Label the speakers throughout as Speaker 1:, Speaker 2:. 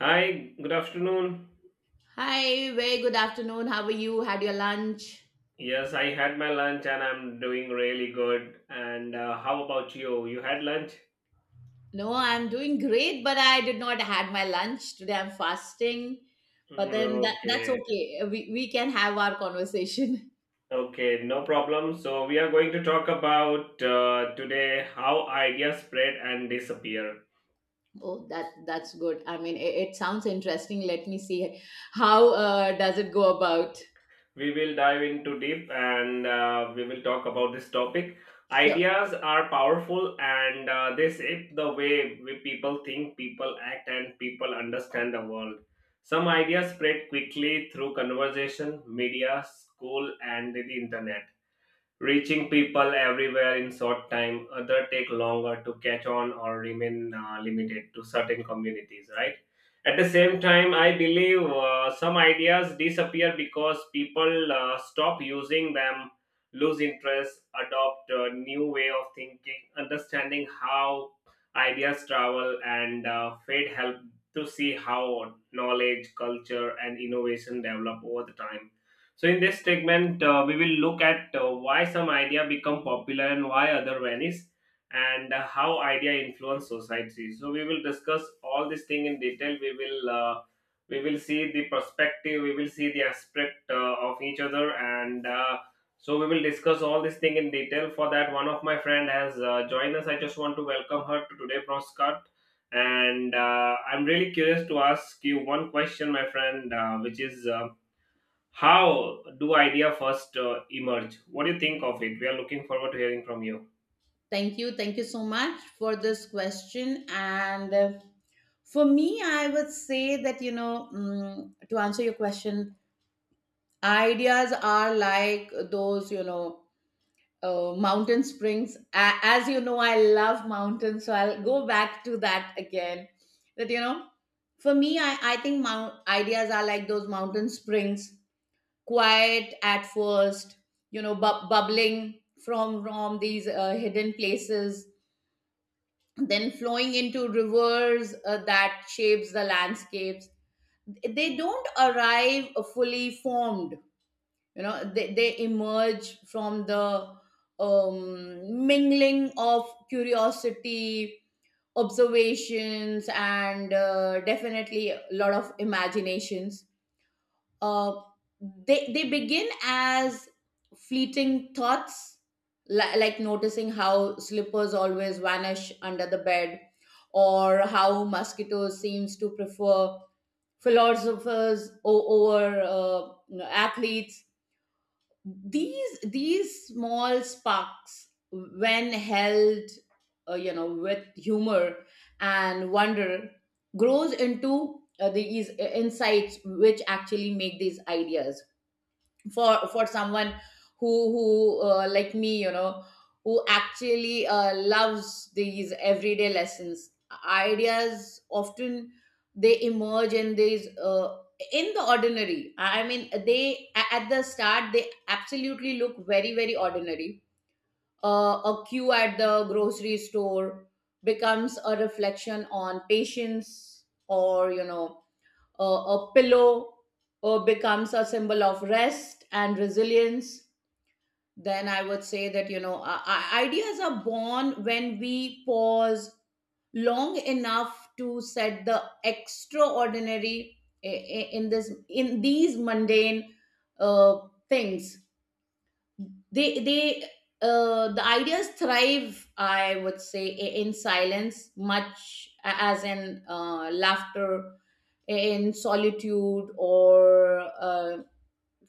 Speaker 1: Hi, good afternoon.
Speaker 2: Hi, very good afternoon. How are you? Had your lunch?
Speaker 1: Yes, I had my lunch and I'm doing really good. And how about you? You had lunch?
Speaker 2: No, I'm doing great, but I did not had my lunch today. I'm fasting, but
Speaker 1: Mm,
Speaker 2: then that's
Speaker 1: okay,
Speaker 2: okay. We can have our conversation.
Speaker 1: okay, no problem. So, we are going to talk about today how ideas spread and disappear.
Speaker 2: Oh, that's good. I mean, it sounds interesting. Let me see how does it go about.
Speaker 1: We will dive into deep and we will talk about this topic.
Speaker 2: Sure.
Speaker 1: Ideas are powerful and they shape the way we people think, people act, and people understand the world. Some ideas spread quickly through conversation, media, school, and the internet reaching people everywhere in short time, other take longer to catch on or remain limited to certain communities, right? At the same time I believe some ideas disappear because people stop using them, lose interest, adopt a new way of thinking, understanding how ideas travel and fate help to see how knowledge, culture, and innovation develop over the time. So in this segment, we will look at why some idea become popular and why other vanish, and how idea influence society. So we will discuss all this thing in detail. We will see the perspective. We will see the aspect of each other, and so we will discuss all this thing in detail. For that, one of my friend has joined us. I just want to welcome her to today broadcast. And I'm really curious to ask you one question, my friend, which is, how do idea first emerge? What do you think of it? We are looking forward to hearing from you.
Speaker 2: Thank you. Thank you so much for this question. And For me, I would say that, you know, to answer your question, ideas are like those, you know, Oh, mountain springs. As you know, I love mountains, so I'll go back to that again. That you know, for me, I think mount ideas are like those mountain springs, quiet at first, bubbling from these hidden places, then flowing into rivers that shapes the landscapes. They don't arrive fully formed. You know, they emerge from the mingling of curiosity, observations, and definitely a lot of imaginations. uh, they begin as fleeting thoughts, like noticing how slippers always vanish under the bed, or how mosquitoes seems to prefer philosophers over you know, athletes. These small sparks, when held you know, with humor and wonder, grows into these insights which actually make these ideas, for someone who like me, you know, who actually loves these everyday lessons, ideas often they emerge in the ordinary. I mean, they, at the start, they absolutely look very very ordinary. A queue at the grocery store becomes a reflection on patience, or you know, a pillow becomes a symbol of rest and resilience. Then I would say that, you know, ideas are born when we pause long enough to set the extraordinary in these mundane uh, things. They they uh, the ideas thrive, I would say, in silence, much as in laughter, in solitude, or uh,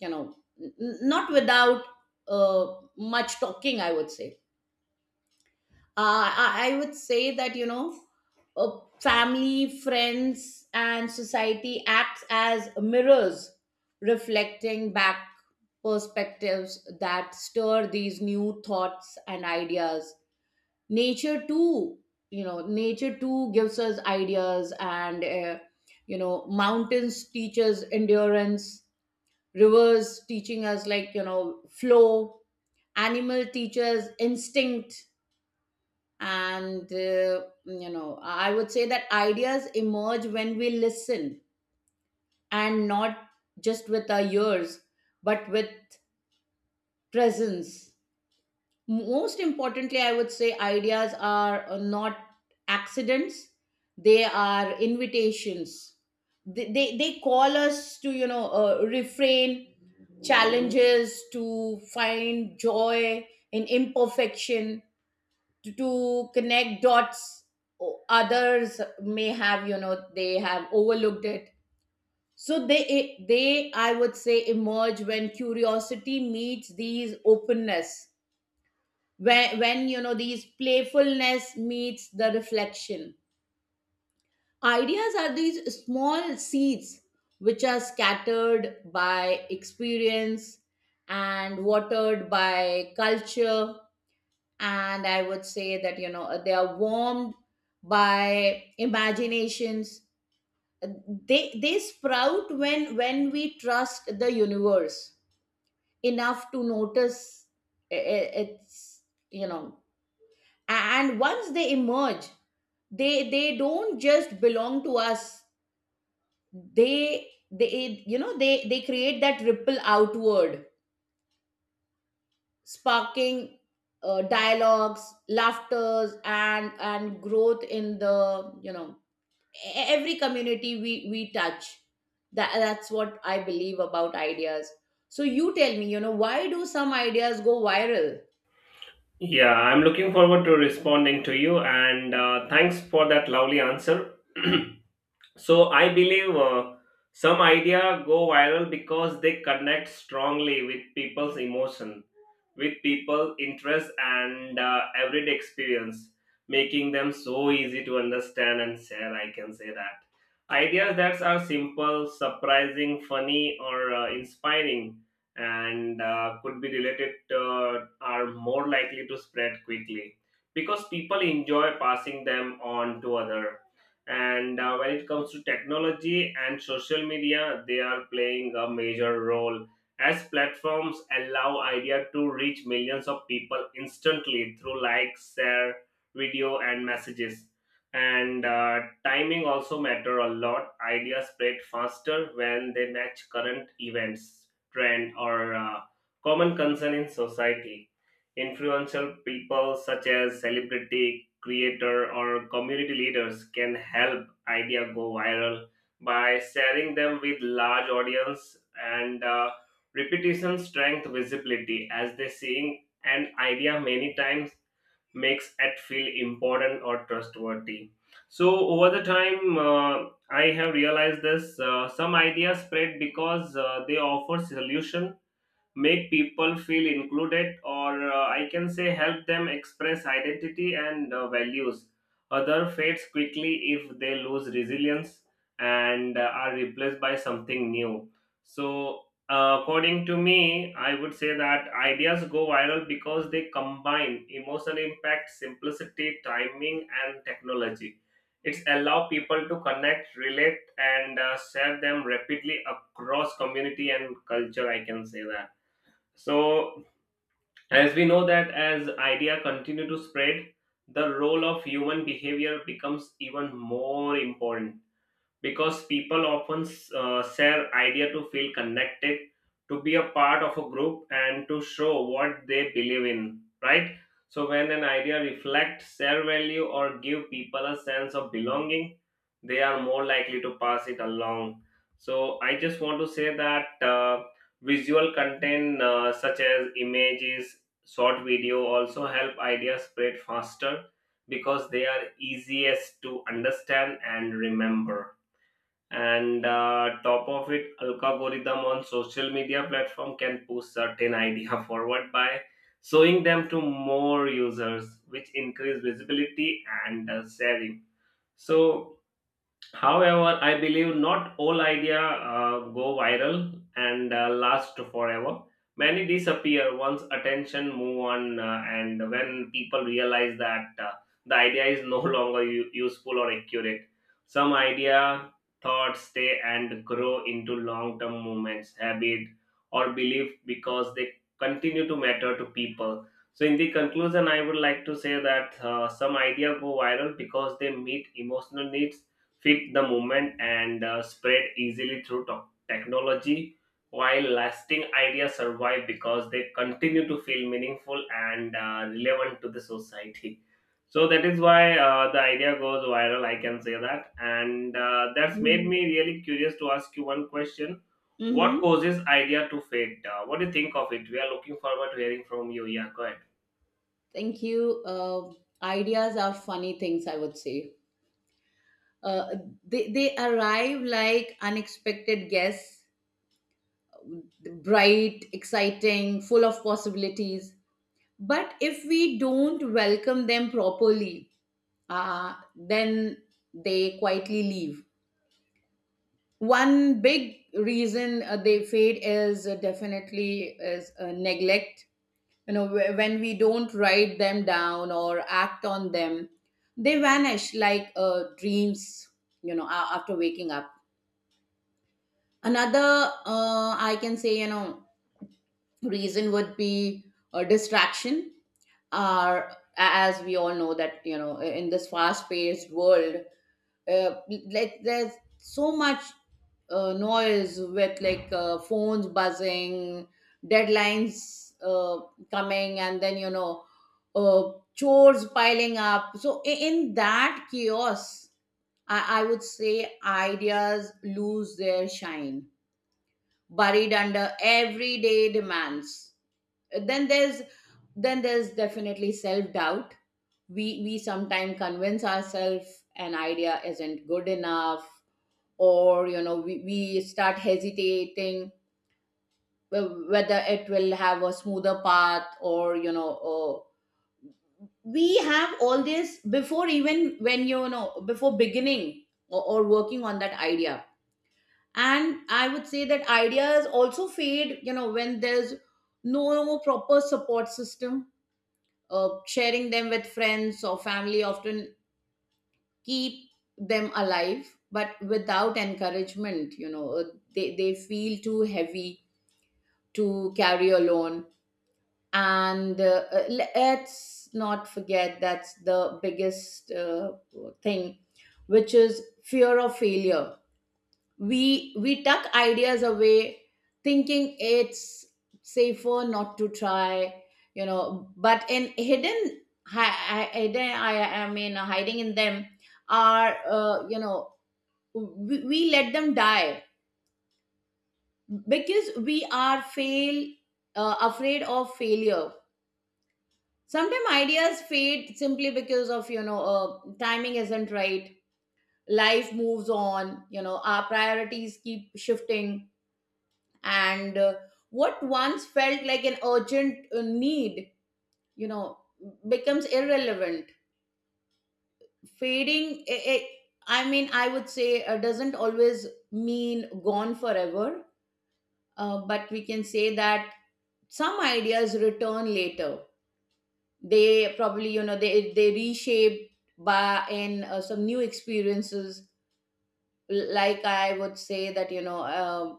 Speaker 2: you know not without uh, much talking, I would say. I would say that, you know, family, friends, and society acts as mirrors, reflecting back perspectives that stir these new thoughts and ideas. Nature too, you know, nature too gives us ideas, and you know, mountains teaches endurance, rivers teaching us, like, you know, flow, animal teaches instinct, and you know, I would say that ideas emerge when we listen, and not just with our ears, but with presence. Most importantly, I would say ideas are not accidents, they are invitations. They call us to, you know, refrain challenges, to find joy in imperfection, to connect dots o- others may have, you know, they have overlooked it. So they, I would say, emerge when curiosity meets these openness, when, you know, these playfulness meets the reflection. Ideas are these small seeds which are scattered by experience and watered by culture, and I would say that, you know, they are warmed by imaginations. They sprout when, we trust the universe enough to notice it's, you know, and once they emerge, they don't just belong to us. They you know, they create that ripple outward, sparking dialogues, laughters, and growth in the, you know, every community we touch. That's what I believe about ideas. So you tell me, you know, why do some ideas go viral?
Speaker 1: Yeah, I'm looking forward to responding to you, and thanks for that lovely answer. So I believe some idea go viral because they connect strongly with people's emotion, with people interest, and everyday experience, making them so easy to understand and share. I can say that ideas that are simple, surprising, funny, or inspiring, and could be related are more likely to spread quickly because people enjoy passing them on to other. And when it comes to technology and social media, they are playing a major role as platforms allow idea to reach millions of people instantly through likes, share, video, and messages. And timing also matter a lot. Ideas spread faster when they match current events, trend, or common concern in society. Influential people such as celebrity, creator, or community leaders can help idea go viral by sharing them with large audience. And repetition strength visibility, as they seeing an idea many times makes it feel important or trustworthy. So over the time, I have realized this. Some ideas spread because they offer solution, make people feel included, or I can say help them express identity and values. Other fades quickly if they lose resilience and are replaced by something new. So according to me, I would say that ideas go viral because they combine emotional impact, simplicity, timing, and technology. It's allow people to connect, relate, and share them rapidly across community and culture, I can say that. So, as we know that as idea continue to spread, the role of human behavior becomes even more important because people often share idea to feel connected, to be a part of a group, and to show what they believe in, right? So when an idea reflects their value or give people a sense of belonging, they are more likely to pass it along. So I just want to say that visual content, such as images, short video, also help ideas spread faster because they are easiest to understand and remember. And top of it, algorithm on social media platform can push certain idea forward by showing them to more users, which increase visibility and sharing. So However, I believe not all idea go viral and last forever. Many disappear once attention move on, and when people realize that the idea is no longer useful or accurate, some idea thoughts stay and grow into long-term movements, habit, or belief because they continue to matter to people. So, in the conclusion, I would like to say that some idea go viral because they meet emotional needs, fit the moment, and spread easily through technology, while lasting ideas survive because they continue to feel meaningful and relevant to the society. So that is why the idea goes viral, I can say that. And that's made me
Speaker 2: Hmm.
Speaker 1: really curious to ask you one question. What
Speaker 2: Hmm.
Speaker 1: causes idea to fade, what do you think of it? We are looking forward to hearing from you. Yeah, go ahead.
Speaker 2: Thank you. Ideas are funny things, I would say. Uh, they arrive like unexpected guests, bright, exciting, full of possibilities, but if we don't welcome them properly, then they quietly leave. One big reason they fade is neglect. You know, when we don't write them down or act on them, they vanish like dreams, you know, after waking up. Another, I can say, you know, reason would be a distraction, are as we all know that, you know, in this fast paced world, uh, there's so much noise with, like, phones buzzing, deadlines coming, and then, you know, chores piling up. So in that chaos, I would say ideas lose their shine, buried under everyday demands. then there's then there's definitely self doubt. We sometimes convince ourselves an idea isn't good enough, or, you know, we, start hesitating whether it will have a smoother path, or you know, or we have all this before, even when, you know, before beginning or working on that idea. And I would say that ideas also fade, you know, when there's no proper support system. Sharing them with friends or family often keep them alive, but without encouragement, you know, they feel too heavy to carry alone. And Let's not forget that's the biggest thing, which is fear of failure. We tuck ideas away, thinking it's safer not to try, you know, but in hidden, hiding in them are, you know, we, let them die because we are fail afraid of failure. Sometimes ideas fade simply because of, you know, timing isn't right. Life moves on, you know, our priorities keep shifting, and what once felt like an urgent need, you know, becomes irrelevant. Fading, I would say, doesn't always mean gone forever. But we can say that some ideas return later. They probably, you know, they reshape by in some new experiences, like I would say that, you know,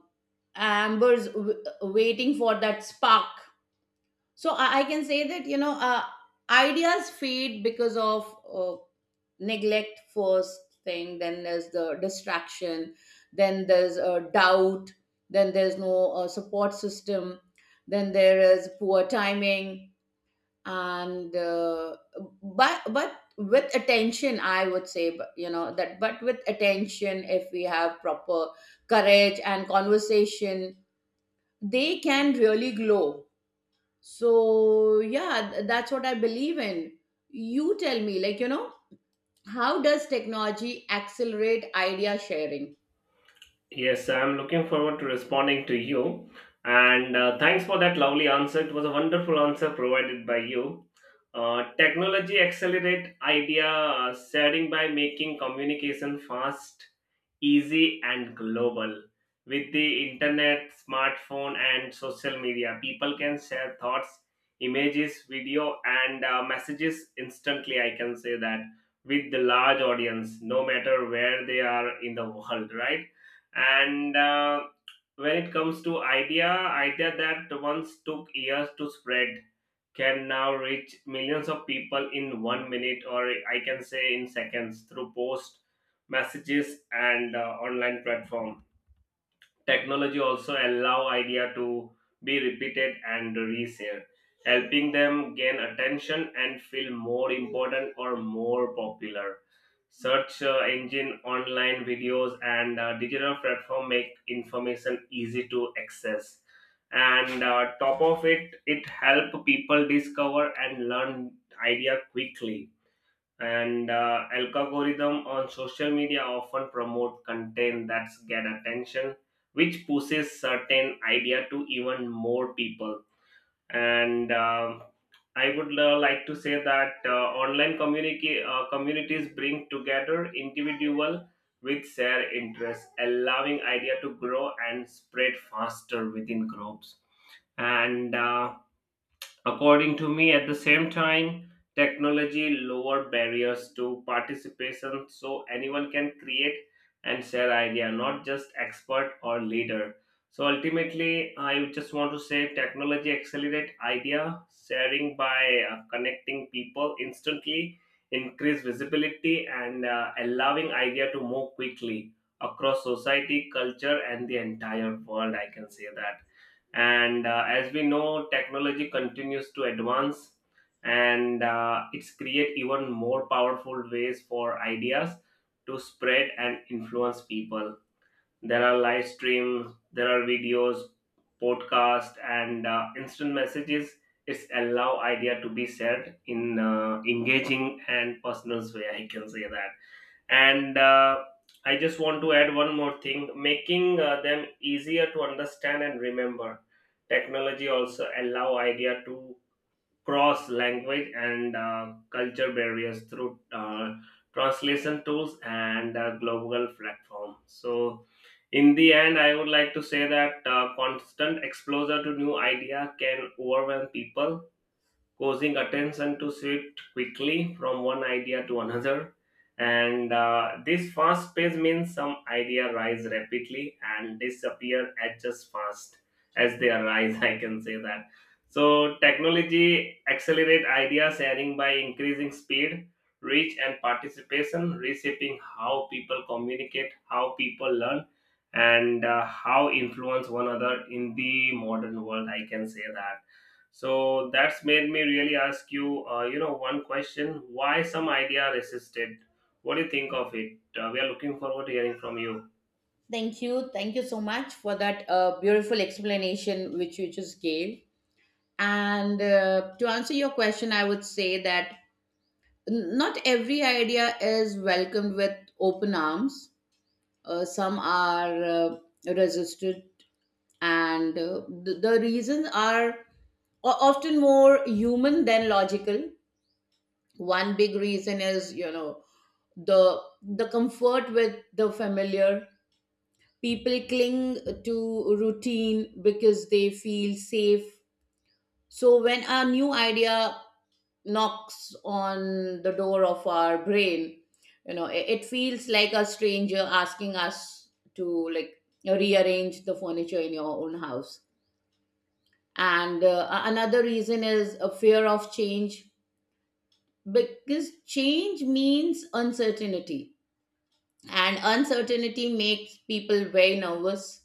Speaker 2: amber's waiting for that spark. So I can say that, you know, ideas fade because of uh, neglect first thing, then there's the distraction, then there's doubt, then there's no support system, then there is poor timing, and but with attention, I would say, but, you know, that but with attention, if we have proper courage and conversation, they can really glow. So, yeah, that's what I believe in. You tell me, like, you know, how does technology accelerate idea sharing?
Speaker 1: Yes, I'm looking forward to responding to you. And thanks for that lovely answer. It was a wonderful answer provided by you. Technology accelerate idea sharing by making communication fast, easy, and global. With the internet, smartphone, and social media, people can share thoughts, images, video, and messages instantly. I can say that with the large audience, no matter where they are in the world, right? And when it comes to idea that once took years to spread can now reach millions of people in 1 minute, or I can say in seconds, through post, messages, and online platform. Technology also allow idea to be repeated and reshared, helping them gain attention and feel more important or more popular. Search engine, online videos, and digital platform make information easy to access. And top of it, it help people discover and learn idea quickly. And algorithm on social media often promote content that's get attention, which pushes certain idea to even more people. And I would like to say that online communities bring together individual with shared interests, allowing idea to grow and spread faster within groups. And according to me, at the same time, technology lower barriers to participation, so anyone can create and share idea, not just expert or leader. So ultimately, I just want to say technology accelerate idea sharing by connecting people instantly, increase visibility, and allowing idea to move quickly across society, culture, and the entire world. I can say that. And as we know, technology continues to advance and it's create even more powerful ways for ideas to spread and influence people. There are live streams, there are videos, podcast, and instant messages. It's allow idea to be shared in engaging and personal way, I can say that. And I just want to add one more thing, making them easier to understand and remember. Technology also allow idea to cross language and culture barriers through translation tools and global platform. So in the end I would like to say that constant exposure to new idea can overwhelm people, causing attention to shift quickly from one idea to another. And this fast pace means some idea rise rapidly and disappear at just fast as they arise. I can say that. So technology accelerate idea sharing by increasing speed, reach, and participation, reshaping how people communicate, how people learn, and how influence one another in the modern world. I can say that. So that's made me really ask you, one question: why some idea resisted? What do you think of it? We are looking forward to hearing from you.
Speaker 2: Thank you. Thank you so much for that beautiful explanation which you just gave. And To answer your question, I would say that not every idea is welcomed with open arms. Some are, resistant, and the reasons are often more human than logical. One big reason is, you know, the comfort with the familiar. People cling to routine because they feel safe. So when a new idea knocks on the door of our brain, you know, it, feels like a stranger asking us to, like, rearrange the furniture in your own house. And another reason is a fear of change, because change means uncertainty, and uncertainty makes people very nervous.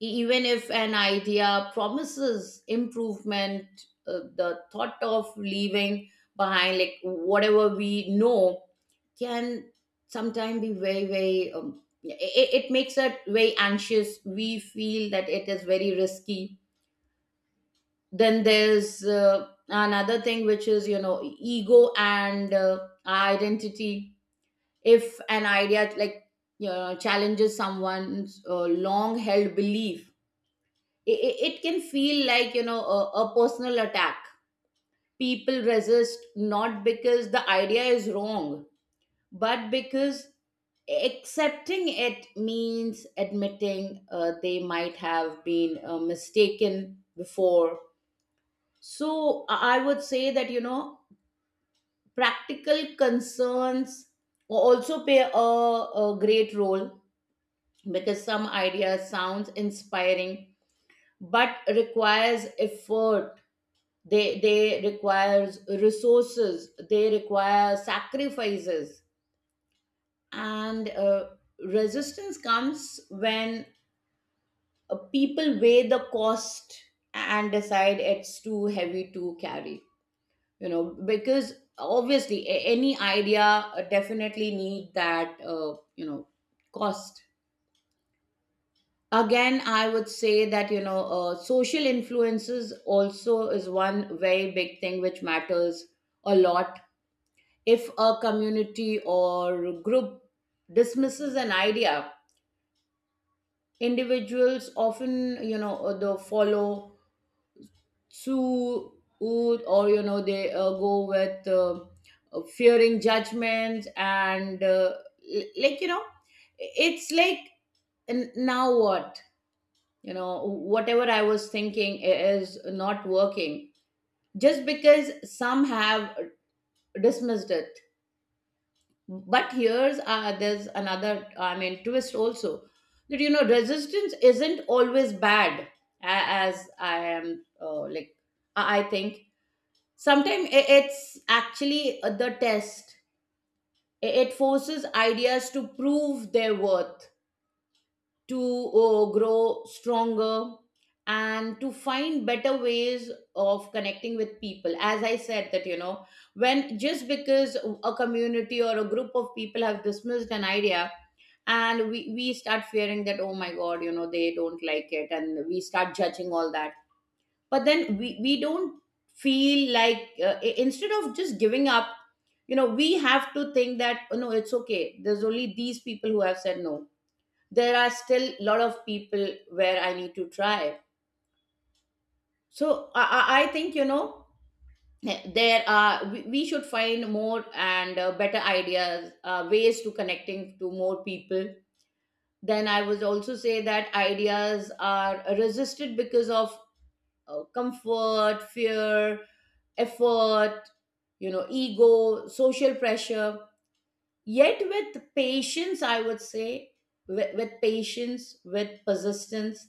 Speaker 2: Even if an idea promises improvement, the thought of leaving behind, like, whatever we know, can sometimes be very very yeah, it, makes us very anxious. We feel that it is very risky. Then there's, another thing, which is, you know, ego and identity. If an idea, like, you know, challenges someone's long held belief, it, can feel like, you know, a, personal attack. People resist not because the idea is wrong, but because accepting it means admitting they might have been mistaken before. So I would say that, you know, practical concerns also play a, great role, because some ideas sounds inspiring but requires effort. They requires resources, they require sacrifices, and resistance comes when people weigh the cost and decide it's too heavy to carry. You know, because obviously any idea definitely need that, you know, cost. Again, I would say that, you know, social influences also is one very big thing which matters a lot. If a community or group dismisses an idea, individuals often, you know, the follow suit, or, you know, they go with, fearing judgments, and like, you know, it's like, Now what, you know, whatever I was thinking is not working, just because some have dismissed it." But here's, there's another, I mean, twist also, that, you know, resistance isn't always bad. As I am, I think, sometimes it's actually the test. It forces ideas to prove their worth, to grow stronger, and to find better ways of connecting with people. As I said that, you know, when just because a community or a group of people have dismissed an idea, and we, start fearing that, oh my god, you know, they don't like it, and we start judging all that. But then we, don't feel Instead of just giving up, we have to think that, oh, no, it's okay, there's only these people who have said no. There are still a lot of people where I need to try. So I think, there are we should find more and better ideas, ways to connecting to more people. Then I would also say that ideas are resisted because of comfort, fear, effort, you know, ego, social pressure. Yet with patience, I would say, with patience, with persistence,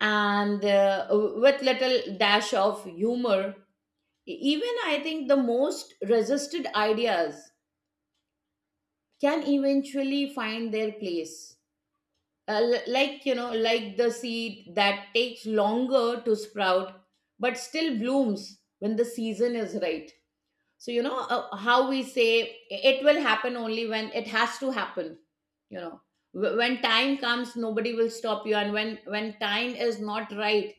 Speaker 2: and with little dash of humor, even I think the most resisted ideas can eventually find their place, like the seed that takes longer to sprout but still blooms when the season is right. So how we say, it will happen only when it has to happen. You know, when time comes, nobody will stop you, and when time is not right,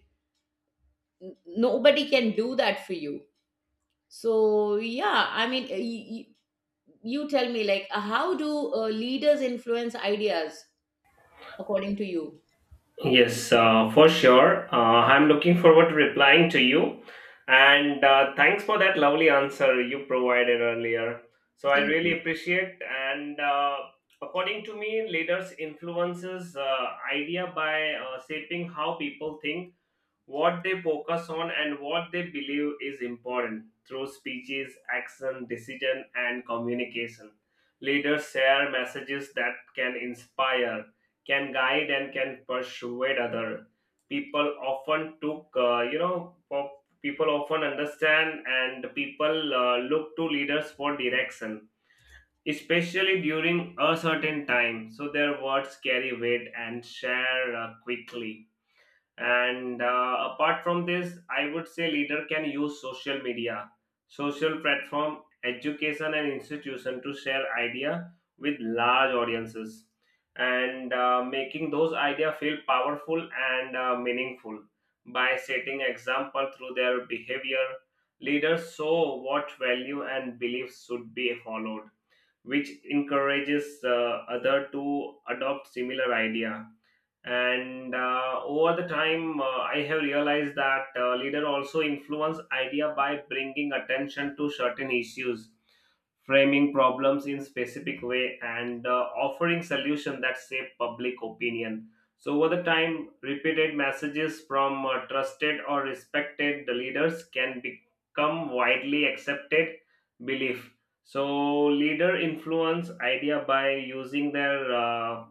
Speaker 2: nobody can do that for you. So yeah, I mean, you tell me, like, how do leaders influence ideas according to you?
Speaker 1: Yes, for sure. I'm looking forward to replying to you, and thanks for that lovely answer you provided earlier. So I
Speaker 2: Thank you.
Speaker 1: really appreciate. And according to me, leaders influences idea by shaping how people think, what they focus on, and what they believe is important. Through speeches, action, decision, and communication, leaders share messages that can inspire, can guide, and can persuade other. People often took you know for- People often understand and people look to leaders for direction, especially during a certain time. So their words carry weight and share quickly. And apart from this, I would say leader can use social media, social platform, education, and institution to share idea with large audiences. And making those idea feel powerful and meaningful by setting example through their behavior, leaders show what value and beliefs should be followed, which encourages other to adopt similar idea. And over the time, I have realized that leader also influence idea by bringing attention to certain issues, framing problems in specific way, and offering solution that shape public opinion. So over the time, repeated messages from trusted or respected leaders can become widely accepted belief. So leader influence idea by using their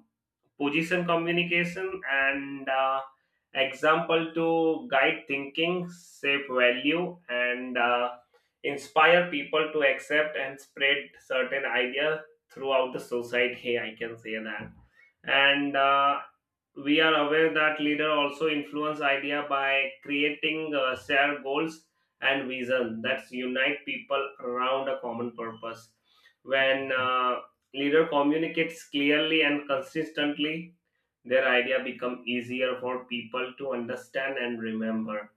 Speaker 1: position, communication, and example to guide thinking, shape value, and inspire people to accept and spread certain ideas throughout the society, I can say that. And we are aware that leader also influence idea by creating shared goals and vision that unite people around a common purpose. When leader communicates clearly and consistently, their idea become easier for people to understand and remember.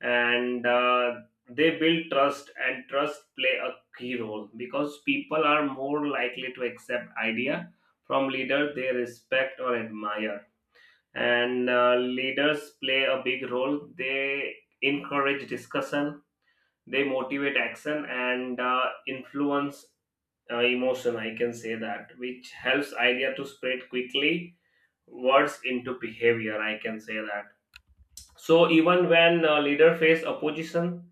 Speaker 1: And they build trust, and trust play a key role because people are more likely to accept idea from leader they respect or admire. And leaders play a big role. They encourage discussion, they motivate action, and influence emotion, I can say that, which helps idea to spread quickly, words into behavior, I can say that. So even when leader face opposition,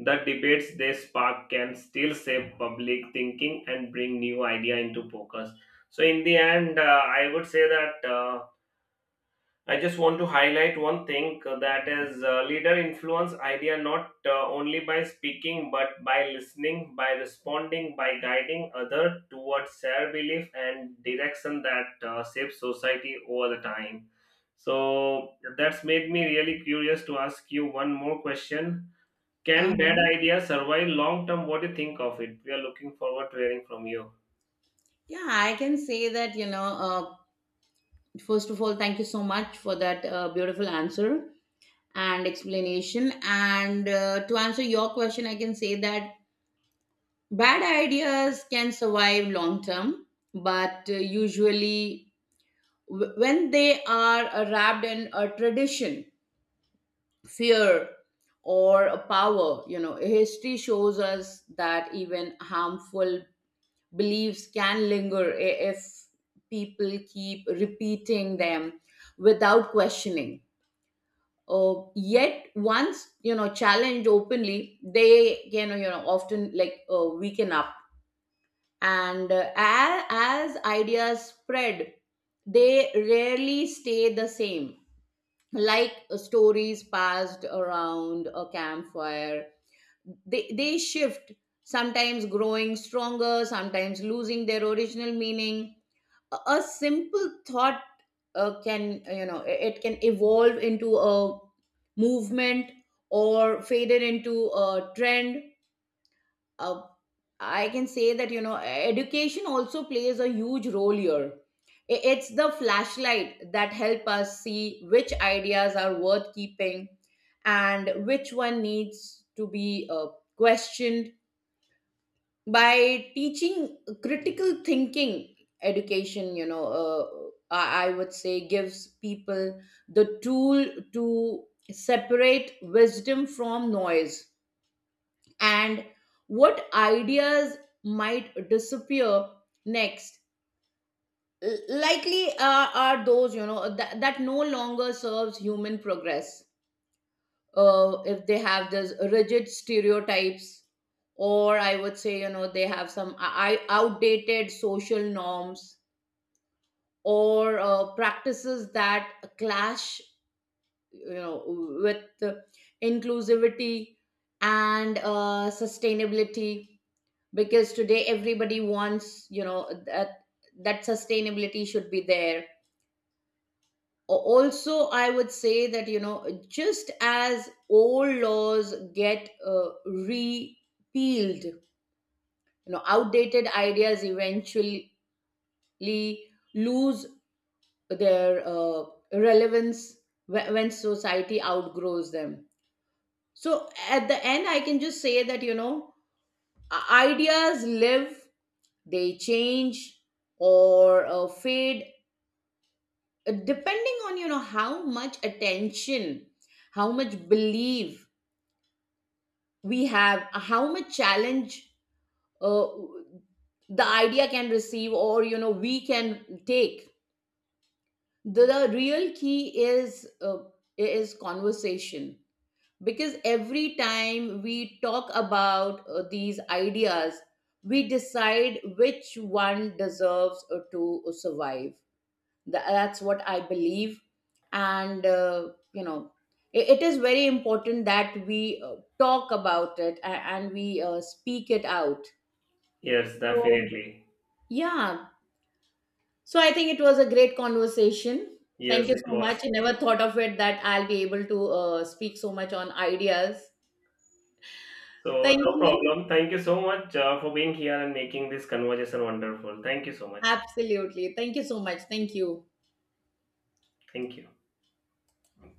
Speaker 1: the debates they spark can still save public thinking and bring new idea into focus. So in the end, I would say that, I just want to highlight one thing, that is, leader influence idea not only by speaking but by listening, by responding, by guiding other towards their belief and direction that shapes society over the time. So that's made me really curious to ask you one more question. Can bad
Speaker 2: Uh-huh.
Speaker 1: ideas survive long term? What do you think of it? We are looking forward to hearing from you.
Speaker 2: Yeah, I can say that, you know, first of all, thank you so much for that beautiful answer and explanation. And to answer your question, I can say that bad ideas can survive long term, but usually when they are wrapped in a tradition, fear, or a power. You know, history shows us that even harmful beliefs can linger if people keep repeating them without questioning. Uh, yet once, you know, challenged openly, they can, you know, often like weaken up. And as ideas spread, they rarely stay the same. Like, stories passed around a campfire, they shift, sometimes growing stronger, sometimes losing their original meaning. A simple thought can, you know, it can evolve into a movement or fade it into a trend. uh, I can say that, you know, education also plays a huge role here. It's the flashlight that help us see which ideas are worth keeping and which one needs to be questioned. By teaching critical thinking, education, I would say, gives people the tool to separate wisdom from noise. And what ideas might disappear next, likely are those, you know, that no longer serves human progress, if they have this rigid stereotypes, or I would say, you know, they have some outdated social norms or practices that clash, you know, with the inclusivity and sustainability, because today everybody wants, you know, that sustainability should be there. Also, I would say that, you know, just as old laws get repealed, you know, outdated ideas eventually lose their relevance when society outgrows them. So at the end, I can just say that, you know, ideas live, they change, or fade, depending on, you know, how much attention, how much belief we have, how much challenge uh, the idea can receive, or you know, we can take. The real key is, is conversation, because every time we talk about these ideas, we decide which one deserves to survive. That's what I believe. And you know, it is very important that we talk about it, and we speak it out.
Speaker 1: Yes,
Speaker 2: So
Speaker 1: definitely.
Speaker 2: yeah, so I think it was a great conversation.
Speaker 1: Yes,
Speaker 2: Thank you
Speaker 1: it
Speaker 2: so much.
Speaker 1: was.
Speaker 2: I never thought of it that I'll be able to speak so much on ideas.
Speaker 1: So,
Speaker 2: Thank
Speaker 1: no
Speaker 2: you.
Speaker 1: problem. Thank you so much for being here and making this conversation wonderful. Thank you so much.
Speaker 2: Absolutely, thank you so much. Thank you.
Speaker 1: Thank you.